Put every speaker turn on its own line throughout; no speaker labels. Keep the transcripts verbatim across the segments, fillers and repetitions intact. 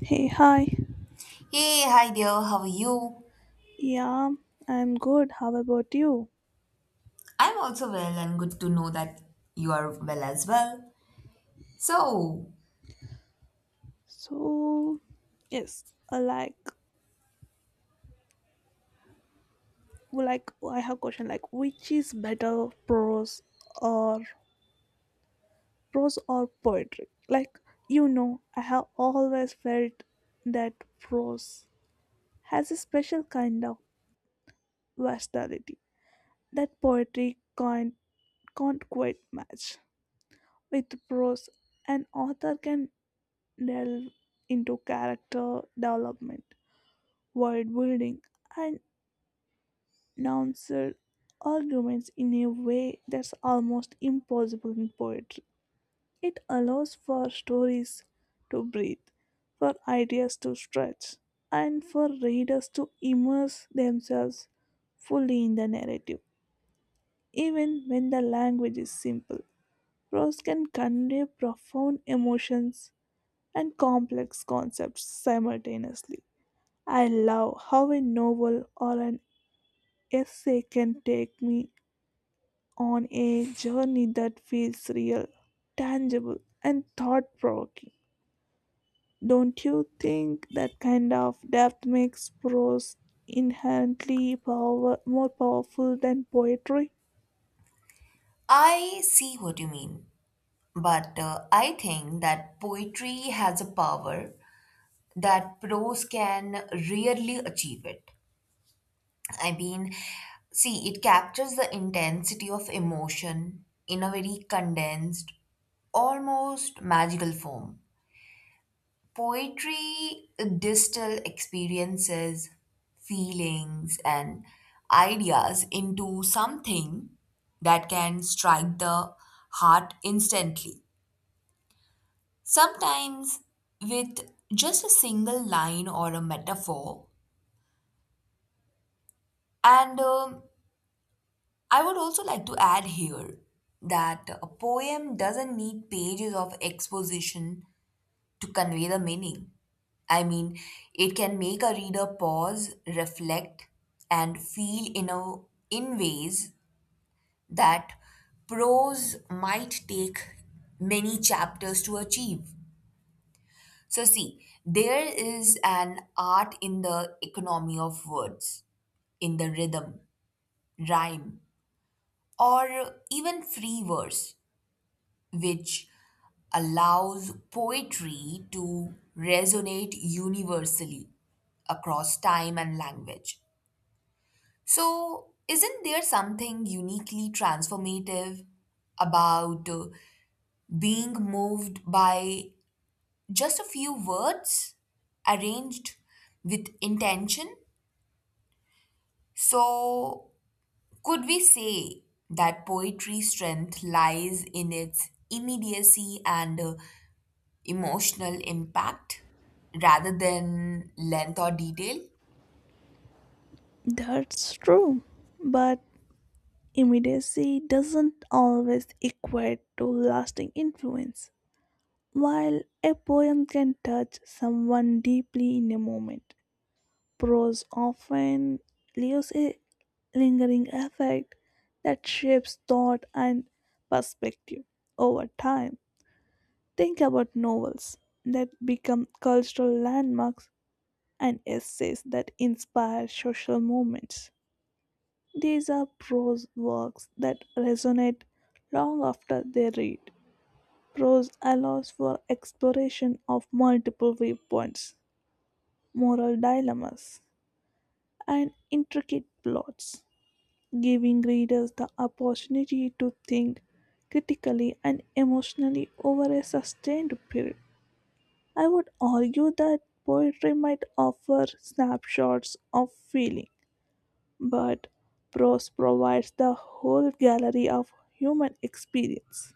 Hey, hi.
Hey, hi dear, how are you?
Yeah, I'm good. How about you?
I'm also well and good to know that you are well as well. So,
So, yes, uh, like, like I have question like, which is better, prose or prose or poetry? Like, you know, I have always felt that prose has a special kind of versatility that poetry can't can't quite match. With prose, an author can delve into character development world building, and nuanced arguments in a way that's almost impossible in poetry. It allows for stories to breathe, for ideas to stretch, and for readers to immerse themselves fully in the narrative. Even when the language is simple, prose can convey profound emotions and complex concepts simultaneously. I love how a novel or an essay can take me on a journey that feels real, tangible, and thought provoking. Don't you think that kind of depth makes prose inherently power- more powerful than poetry?
I see what you mean, but uh, I think that poetry has a power that prose can rarely achieve it. I mean, see, it captures the intensity of emotion in a very condensed, almost magical form. Poetry distill experiences, feelings, and ideas into something that can strike the heart instantly. Sometimes with just a single line or a metaphor. And um, I would also like to add here that a poem doesn't need pages of exposition to convey the meaning. I mean, it can make a reader pause, reflect, and feel in a in ways that prose might take many chapters to achieve. So see, there is an art in the economy of words, in the rhythm, rhyme, or even free verse, which allows poetry to resonate universally across time and language. So, isn't there something uniquely transformative about uh, being moved by just a few words arranged with intention? So, could we say that poetry's strength lies in its immediacy and uh, emotional impact rather than length or detail?
That's true, but immediacy doesn't always equate to lasting influence. While a poem can touch someone deeply in a moment, prose often leaves a lingering effect that shapes thought and perspective over time. Think about novels that become cultural landmarks and essays that inspire social movements. These are prose works that resonate long after they read. Prose allows for exploration of multiple viewpoints, moral dilemmas, and intricate plots, giving readers the opportunity to think critically and emotionally over a sustained period. I would argue that poetry might offer snapshots of feeling, but prose provides the whole gallery of human experience.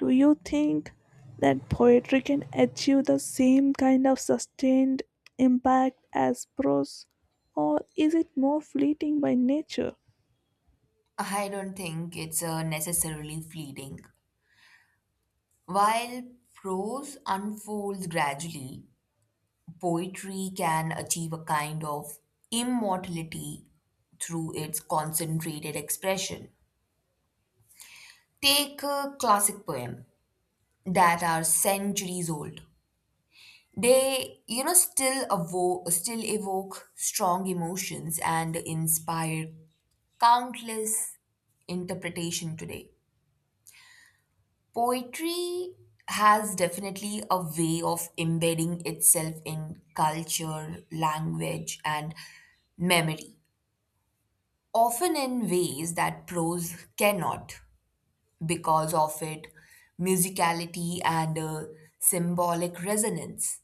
Do you think that poetry can achieve the same kind of sustained impact as prose, or is it more fleeting by nature?
I don't think it's uh, necessarily fleeting. While prose unfolds gradually, poetry can achieve a kind of immortality through its concentrated expression. Take a classic poem that are centuries old. They, you know, still evoke, still evoke strong emotions and inspire countless interpretation today. Poetry has definitely a way of embedding itself in culture, language, and memory, often in ways that prose cannot because of its musicality and uh, symbolic resonance.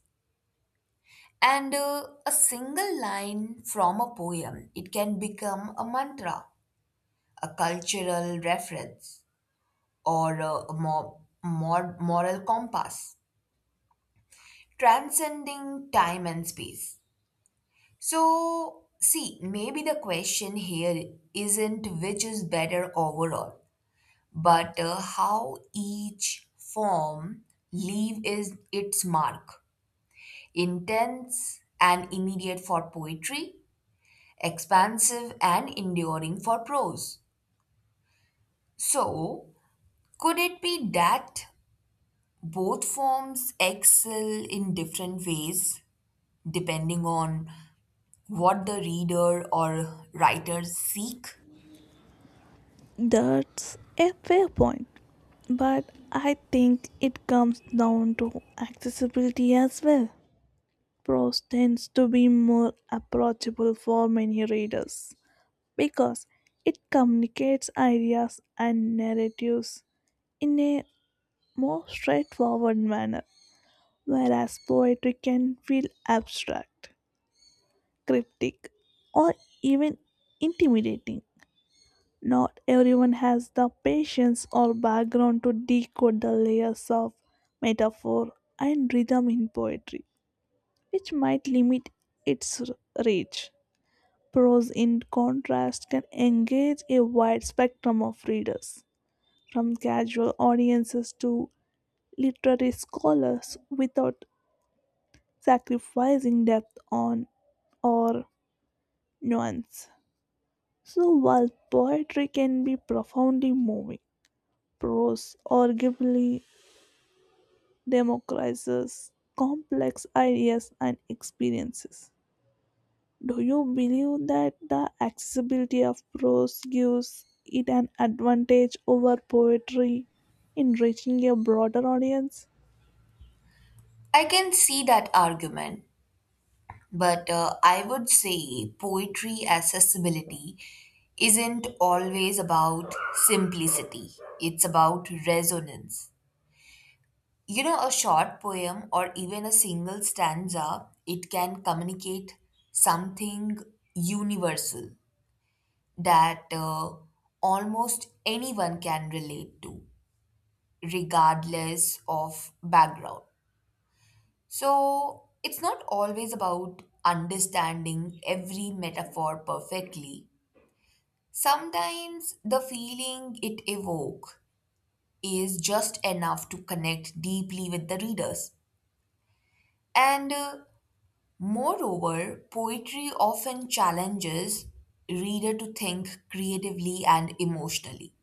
And uh, a single line from a poem, it can become a mantra, a cultural reference, or uh, a more, more moral compass, transcending time and space. So, see, maybe the question here isn't which is better overall, but uh, how each form leave is its mark. Intense and immediate for poetry, expansive and enduring for prose. So, could it be that both forms excel in different ways depending on what the reader or writer seek?
That's a fair point, but I think it comes down to accessibility as well. Prose tends to be more approachable for many readers because it communicates ideas and narratives in a more straightforward manner, whereas poetry can feel abstract, cryptic, or even intimidating. Not everyone has the patience or background to decode the layers of metaphor and rhythm in poetry, which might limit its r- reach. Prose, in contrast, can engage a wide spectrum of readers, from casual audiences to literary scholars, without sacrificing depth on or nuance. So, while poetry can be profoundly moving, prose arguably democratizes complex ideas and experiences. Do you believe that the accessibility of prose gives it an advantage over poetry in reaching a broader audience?
I can see that argument, but uh, I would say poetry accessibility isn't always about simplicity, it's about resonance. You know, a short poem or even a single stanza, it can communicate something universal that uh, almost anyone can relate to, regardless of background. So it's not always about understanding every metaphor perfectly. Sometimes the feeling it evokes is just enough to connect deeply with the readers. And uh, moreover, poetry often challenges reader to think creatively and emotionally,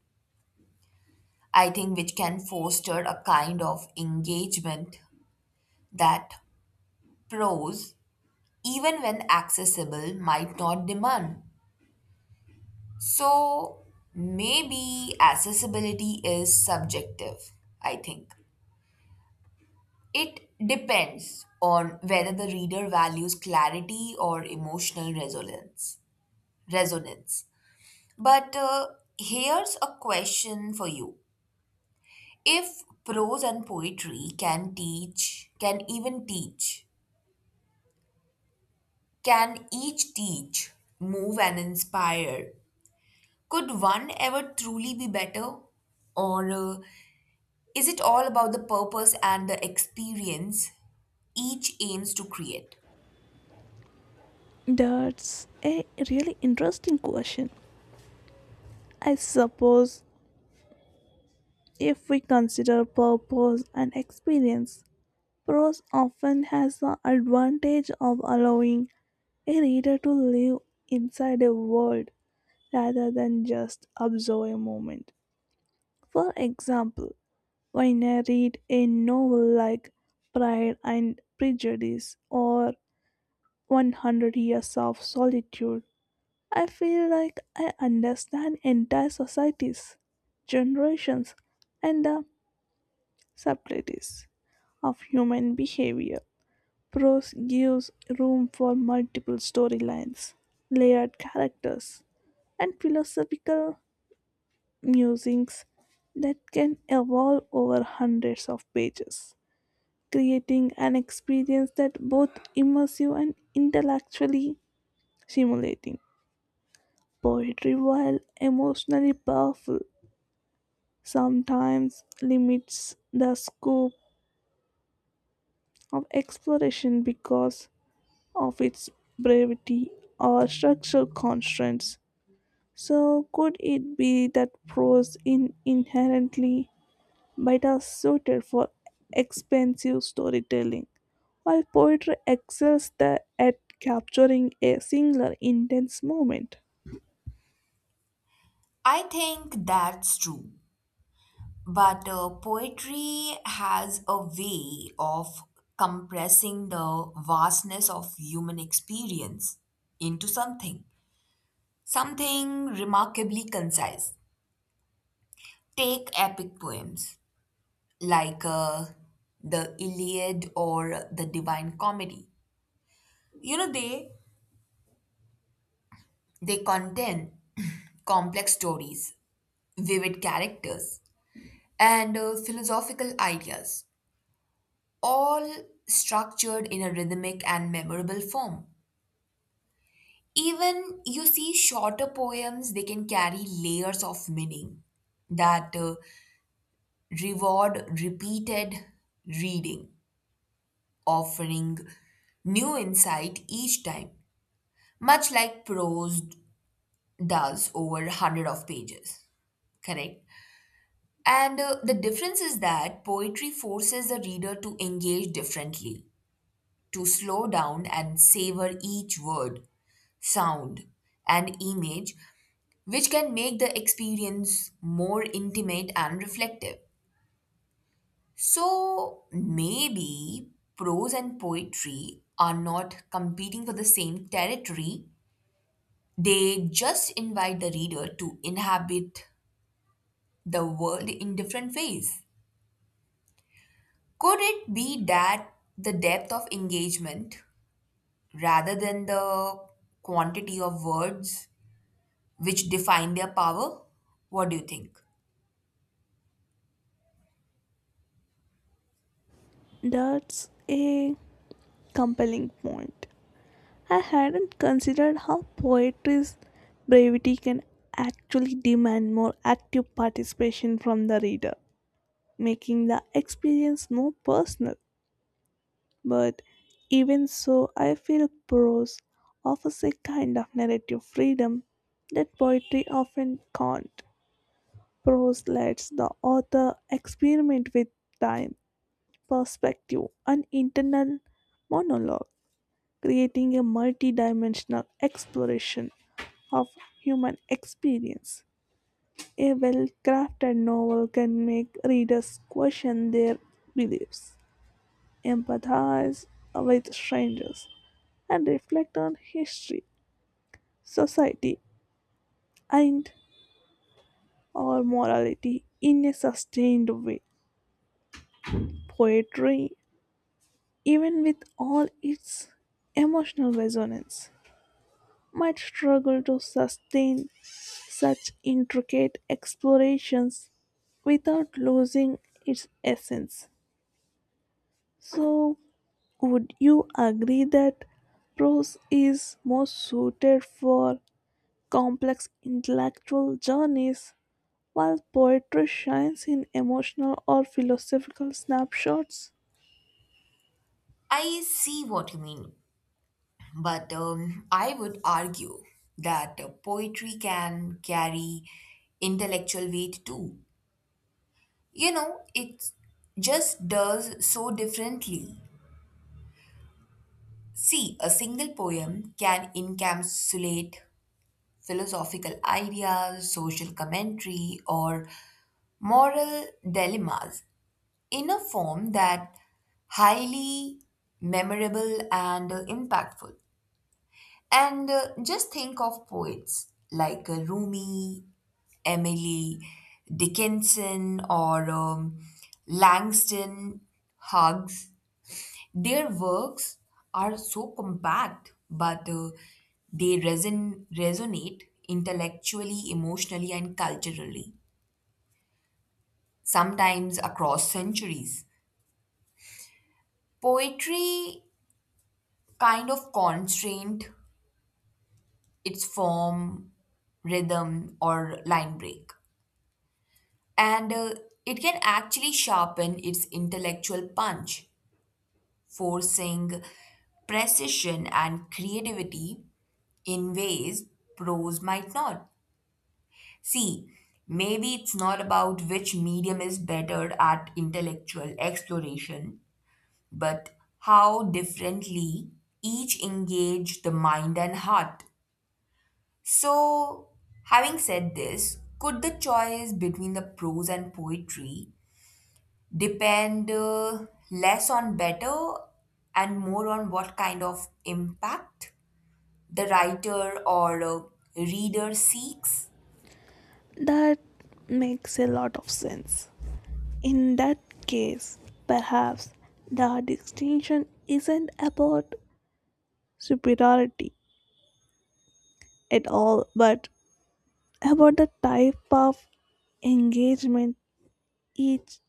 I think, which can foster a kind of engagement that prose, even when accessible, might not demand. So maybe accessibility is subjective, I think. It depends on whether the reader values clarity or emotional resonance. Resonance. But uh, here's a question for you. If prose and poetry can teach, can even teach can each teach, move, and inspire, could one ever truly be better? Or uh, is it all about the purpose and the experience each aims to create?
That's a really interesting question. I suppose if we consider purpose and experience, prose often has the advantage of allowing a reader to live inside a world rather than just observe a moment. For example, when I read a novel like Pride and Prejudice or one hundred Years of Solitude, I feel like I understand entire societies, generations, and the subtleties of human behavior. Prose gives room for multiple storylines, layered characters, and philosophical musings that can evolve over hundreds of pages, creating an experience that both immersive and intellectually stimulating. Poetry, while emotionally powerful, sometimes limits the scope of exploration because of its brevity or structural constraints. So, could it be that prose in inherently but are suited for expensive storytelling, while poetry excels the, at capturing a singular intense moment?
I think that's true. But uh, poetry has a way of compressing the vastness of human experience into something, something remarkably concise. Take epic poems like uh, the Iliad or the Divine Comedy. You know, they they contain complex stories, vivid characters, and uh, philosophical ideas, all structured in a rhythmic and memorable form. Even you see shorter poems, they can carry layers of meaning that uh, reward repeated reading, offering new insight each time, much like prose does over hundred of pages, correct. And uh, the difference is that poetry forces the reader to engage differently, to slow down and savor each word, sound, and image, which can make the experience more intimate and reflective. So maybe prose and poetry are not competing for the same territory. They just invite the reader to inhabit the world in different ways. Could it be that the depth of engagement, rather than the quantity of words, which define their power? What do you think?
That's a compelling point. I hadn't considered how poetry's brevity can actually demand more active participation from the reader, making the experience more personal. But even so, I feel prose offers a kind of narrative freedom that poetry often can't. Prose lets the author experiment with time, perspective, and internal monologue, creating a multidimensional exploration of human experience. A well crafted novel can make readers question their beliefs, empathize with strangers, and reflect on history, society, and our morality in a sustained way. Poetry, even with all its emotional resonance, might struggle to sustain such intricate explorations without losing its essence. So, would you agree that prose is more suited for complex intellectual journeys while poetry shines in emotional or philosophical snapshots?
I see what you mean, but um, I would argue that uh, poetry can carry intellectual weight too. You know, it just does so differently. See, a single poem can encapsulate philosophical ideas, social commentary, or moral dilemmas in a form that highly memorable and uh, impactful. And uh, just think of poets like uh, Rumi, Emily Dickinson, or um, Langston Hughes. Their works are so compact, but uh, they reson- resonate intellectually, emotionally, and culturally, sometimes across centuries. Poetry kind of constrained its form, rhythm, or line break, and uh, it can actually sharpen its intellectual punch, forcing precision and creativity in ways prose might not. See, maybe it's not about which medium is better at intellectual exploration, but how differently each engage the mind and heart. So, having said this, could the choice between the prose and poetry depend uh, less on better and more on what kind of impact the writer or uh, reader seeks?
That makes a lot of sense. In that case, perhaps the distinction isn't about superiority at all, but about the type of engagement each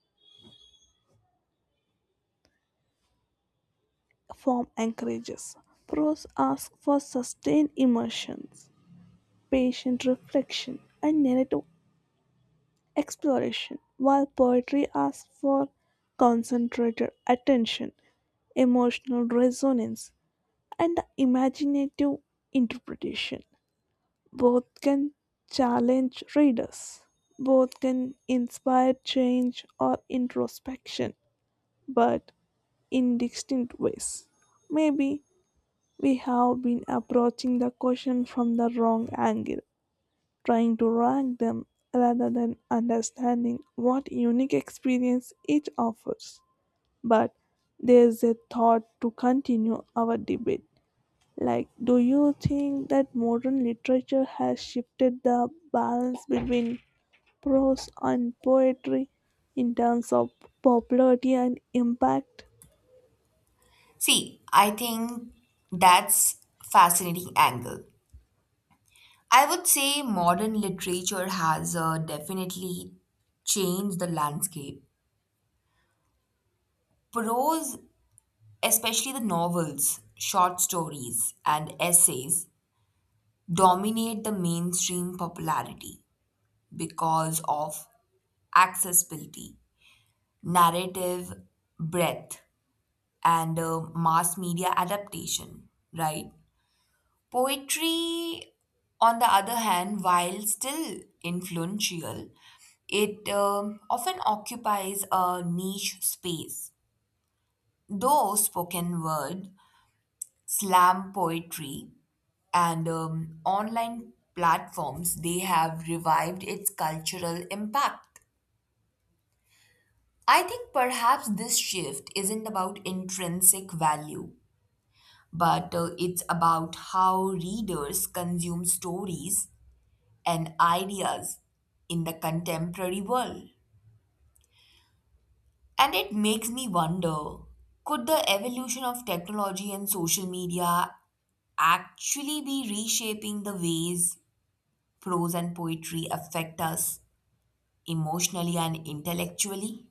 form encourages. Prose asks for sustained immersions, patient reflection, and narrative exploration, while poetry asks for concentrated attention, emotional resonance, and imaginative interpretation. Both can challenge readers, both can inspire change or introspection, but in distinct ways. Maybe we have been approaching the question from the wrong angle, trying to rank them rather than understanding what unique experience each offers. But there's a thought to continue our debate. Like, do you think that modern literature has shifted the balance between prose and poetry in terms of popularity and impact?
See, I think that's fascinating angle. I would say modern literature has uh, definitely changed the landscape. Prose, especially the novels, short stories, and essays, dominate the mainstream popularity because of accessibility, narrative breadth, and uh, mass media adaptation, right? Poetry, on the other hand, while still influential, it um, often occupies a niche space. Though spoken word, slam poetry, and um, online platforms, they have revived its cultural impact. I think perhaps this shift isn't about intrinsic value, but uh, it's about how readers consume stories and ideas in the contemporary world. And it makes me wonder, could the evolution of technology and social media actually be reshaping the ways prose and poetry affect us emotionally and intellectually?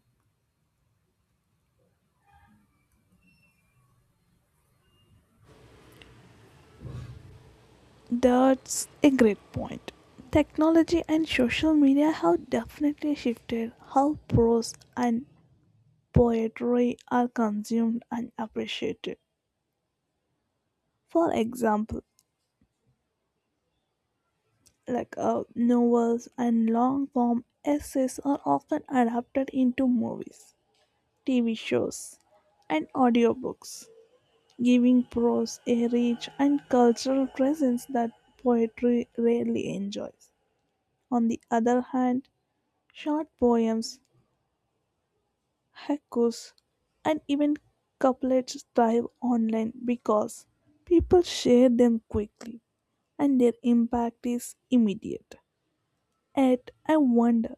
That's a great point. Technology and social media have definitely shifted how prose and poetry are consumed and appreciated. For example, like uh, novels and long form essays are often adapted into movies, T V shows, and audiobooks, giving prose a rich and cultural presence that poetry rarely enjoys. On the other hand, short poems, haikus, and even couplets thrive online because people share them quickly and their impact is immediate. Yet, I wonder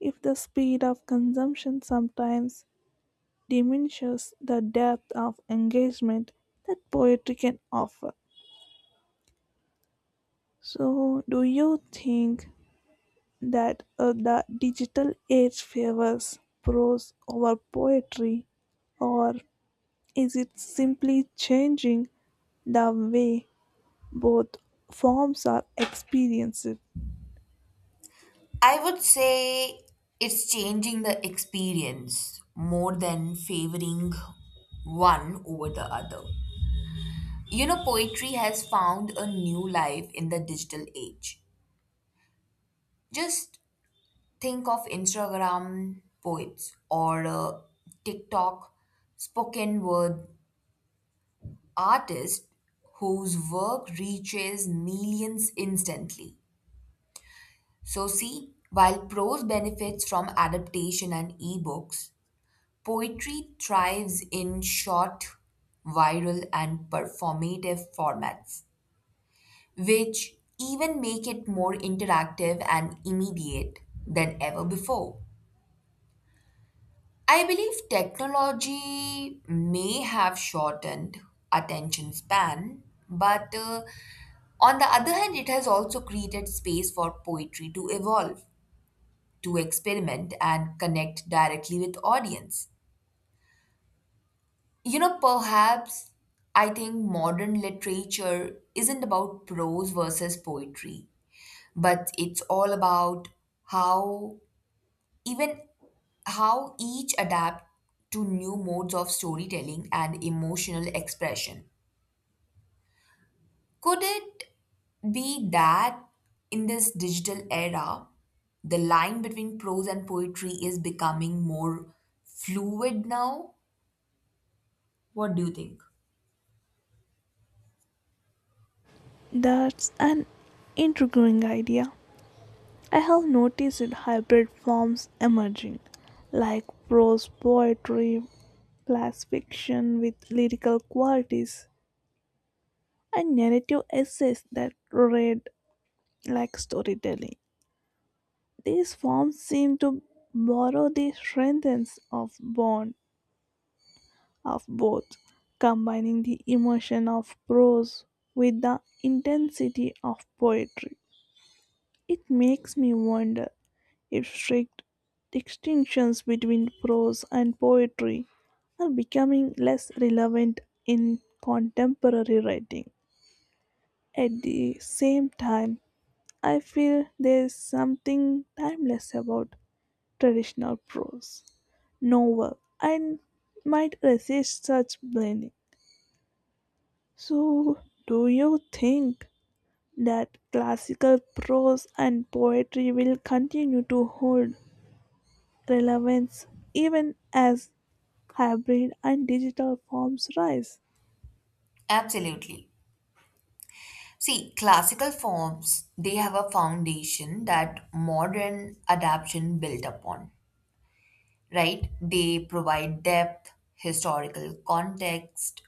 if the speed of consumption sometimes diminishes the depth of engagement that poetry can offer. So, do you think that uh, the digital age favors prose over poetry, or is it simply changing the way both forms are experienced?
I would say it's changing the experience more than favoring one over the other. You know, poetry has found a new life in the digital age. Just think of Instagram poets or uh, TikTok spoken word artists whose work reaches millions instantly. So, see, while prose benefits from adaptation and ebooks, poetry thrives in short, viral, and performative formats, which even make it more interactive and immediate than ever before. I believe technology may have shortened attention span, but uh, on the other hand, it has also created space for poetry to evolve, to experiment, and connect directly with audience. You know, perhaps I think modern literature isn't about prose versus poetry, but it's all about how even how each adapt to new modes of storytelling and emotional expression. Could it be that in this digital era the line between prose and poetry is becoming more fluid now? What do you think?
That's an intriguing idea. I have noticed hybrid forms emerging, like prose poetry, flash fiction with lyrical qualities, and narrative essays that read like storytelling. These forms seem to borrow the strengths of bond of both, combining the emotion of prose with the intensity of poetry. It makes me wonder if strict distinctions between prose and poetry are becoming less relevant in contemporary writing. At the same time, I feel there's something timeless about traditional prose, novel, and might resist such blending. So, do you think that classical prose and poetry will continue to hold relevance even as hybrid and digital forms rise?
Absolutely. See, classical forms, they have a foundation that modern adaptation built upon, right? They provide depth, historical context,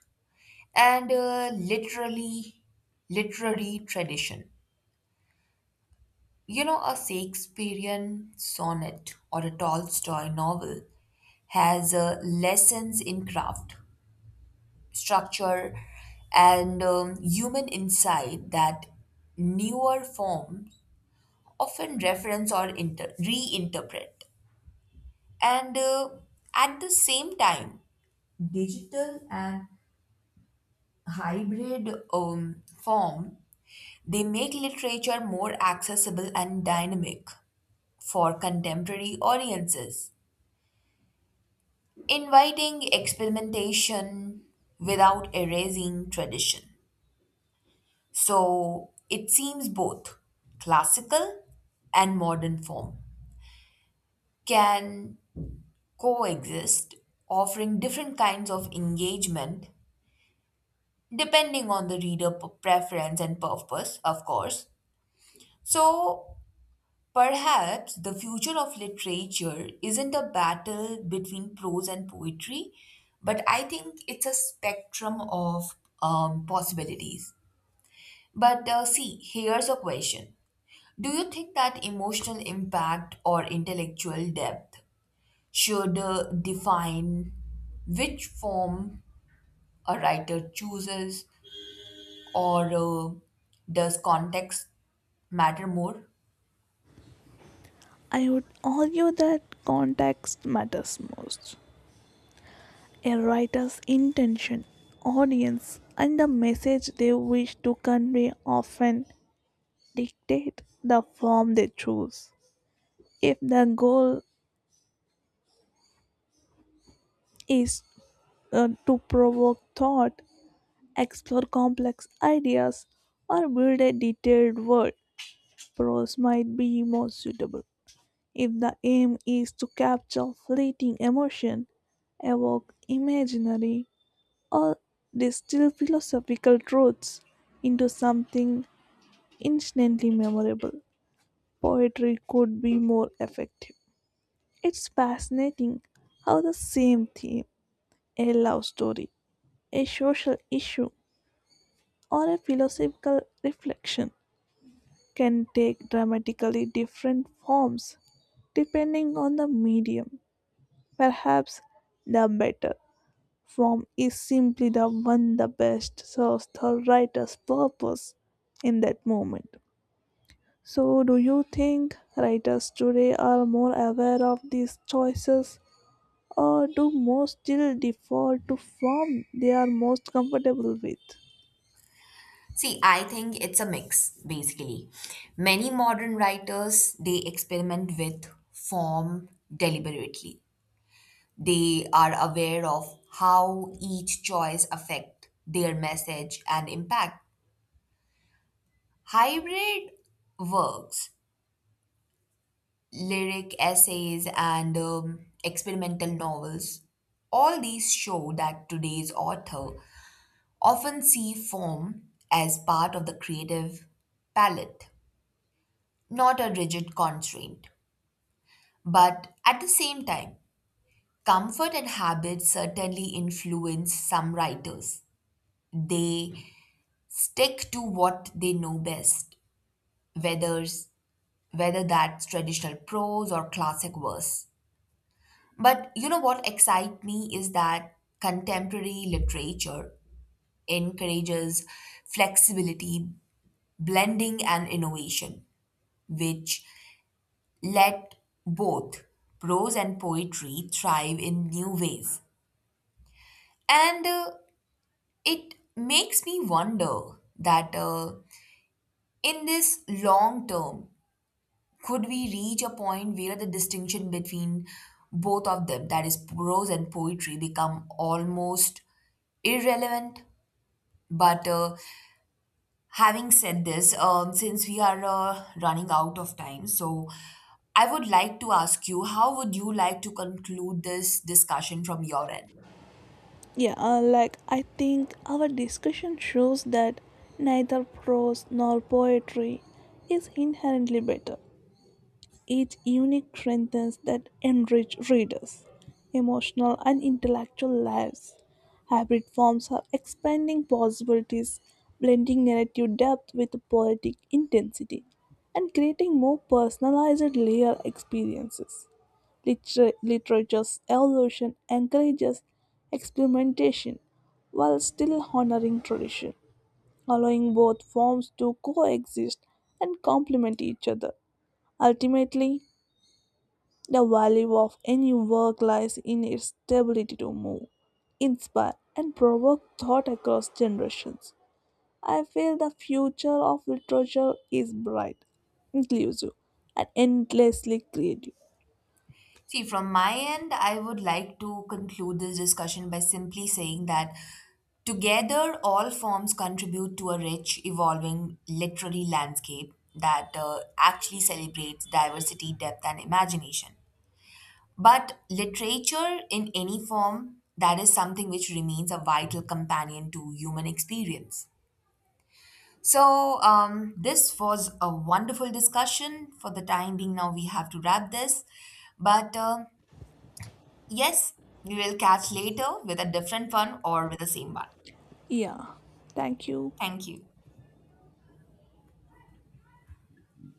and uh, literally literary tradition. You know, a Shakespearean sonnet or a Tolstoy novel has uh, lessons in craft, structure, and um, human insight that newer forms often reference or inter- reinterpret. And uh, at the same time, digital and hybrid um, form, they make literature more accessible and dynamic for contemporary audiences, inviting experimentation without erasing tradition. So it seems both classical and modern form can coexist, offering different kinds of engagement depending on the reader p- preference and purpose, of course. So perhaps the future of literature isn't a battle between prose and poetry, but I think it's a spectrum of um, possibilities. But uh, see, here's a question. Do you think that emotional impact or intellectual depth should uh, define which form a writer chooses, or uh, does context matter more?
I would argue that context matters most. A writer's intention, audience, and the message they wish to convey often dictate the form they choose. If the goal is uh, to provoke thought, explore complex ideas, or build a detailed world, prose might be more suitable. If the aim is to capture fleeting emotion, evoke imaginary, or distill philosophical truths into something instantly memorable, poetry could be more effective. It's fascinating how the same theme, a love story, a social issue, or a philosophical reflection, can take dramatically different forms depending on the medium. Perhaps the better form is simply the one the best serves the writer's purpose in that moment. So, do you think writers today are more aware of these choices, or do most still default to form they are most comfortable with?
See, I think it's a mix basically. Many modern writers they experiment with form deliberately. They are aware of how each choice affect their message and impact. Hybrid works, lyric essays and um, experimental novels, all these show that today's author often see form as part of the creative palette, not a rigid constraint. But at the same time, comfort and habit certainly influence some writers. They stick to what they know best, whether, whether that's traditional prose or classic verse. But you know what excites me is that contemporary literature encourages flexibility, blending, and innovation, which let both prose and poetry thrive in new ways. And uh, it makes me wonder that uh, in this long term, could we reach a point where the distinction between both of them, that is, prose and poetry, become almost irrelevant? But uh, Having said this, um, since we are uh, running out of time, so I would like to ask you, how would you like to conclude this discussion from your end?
Yeah, uh, like I think our discussion shows that neither prose nor poetry is inherently better. Each unique strengths that enrich readers' emotional and intellectual lives. Hybrid forms are expanding possibilities, blending narrative depth with poetic intensity, and creating more personalized layer experiences. Liter- literature's evolution encourages experimentation while still honoring tradition, allowing both forms to coexist and complement each other. Ultimately, the value of any work lies in its ability to move, inspire, and provoke thought across generations. I feel the future of literature is bright, inclusive, and endlessly creative.
See, from my end, I would like to conclude this discussion by simply saying that together all forms contribute to a rich, evolving literary landscape that uh, actually celebrates diversity, depth, and imagination. But literature in any form, that is something which remains a vital companion to human experience. So, um, this was a wonderful discussion. For the time being, now we have to wrap this. But uh, yes, we will catch later with a different one or with the same one.
Yeah, thank you.
Thank you.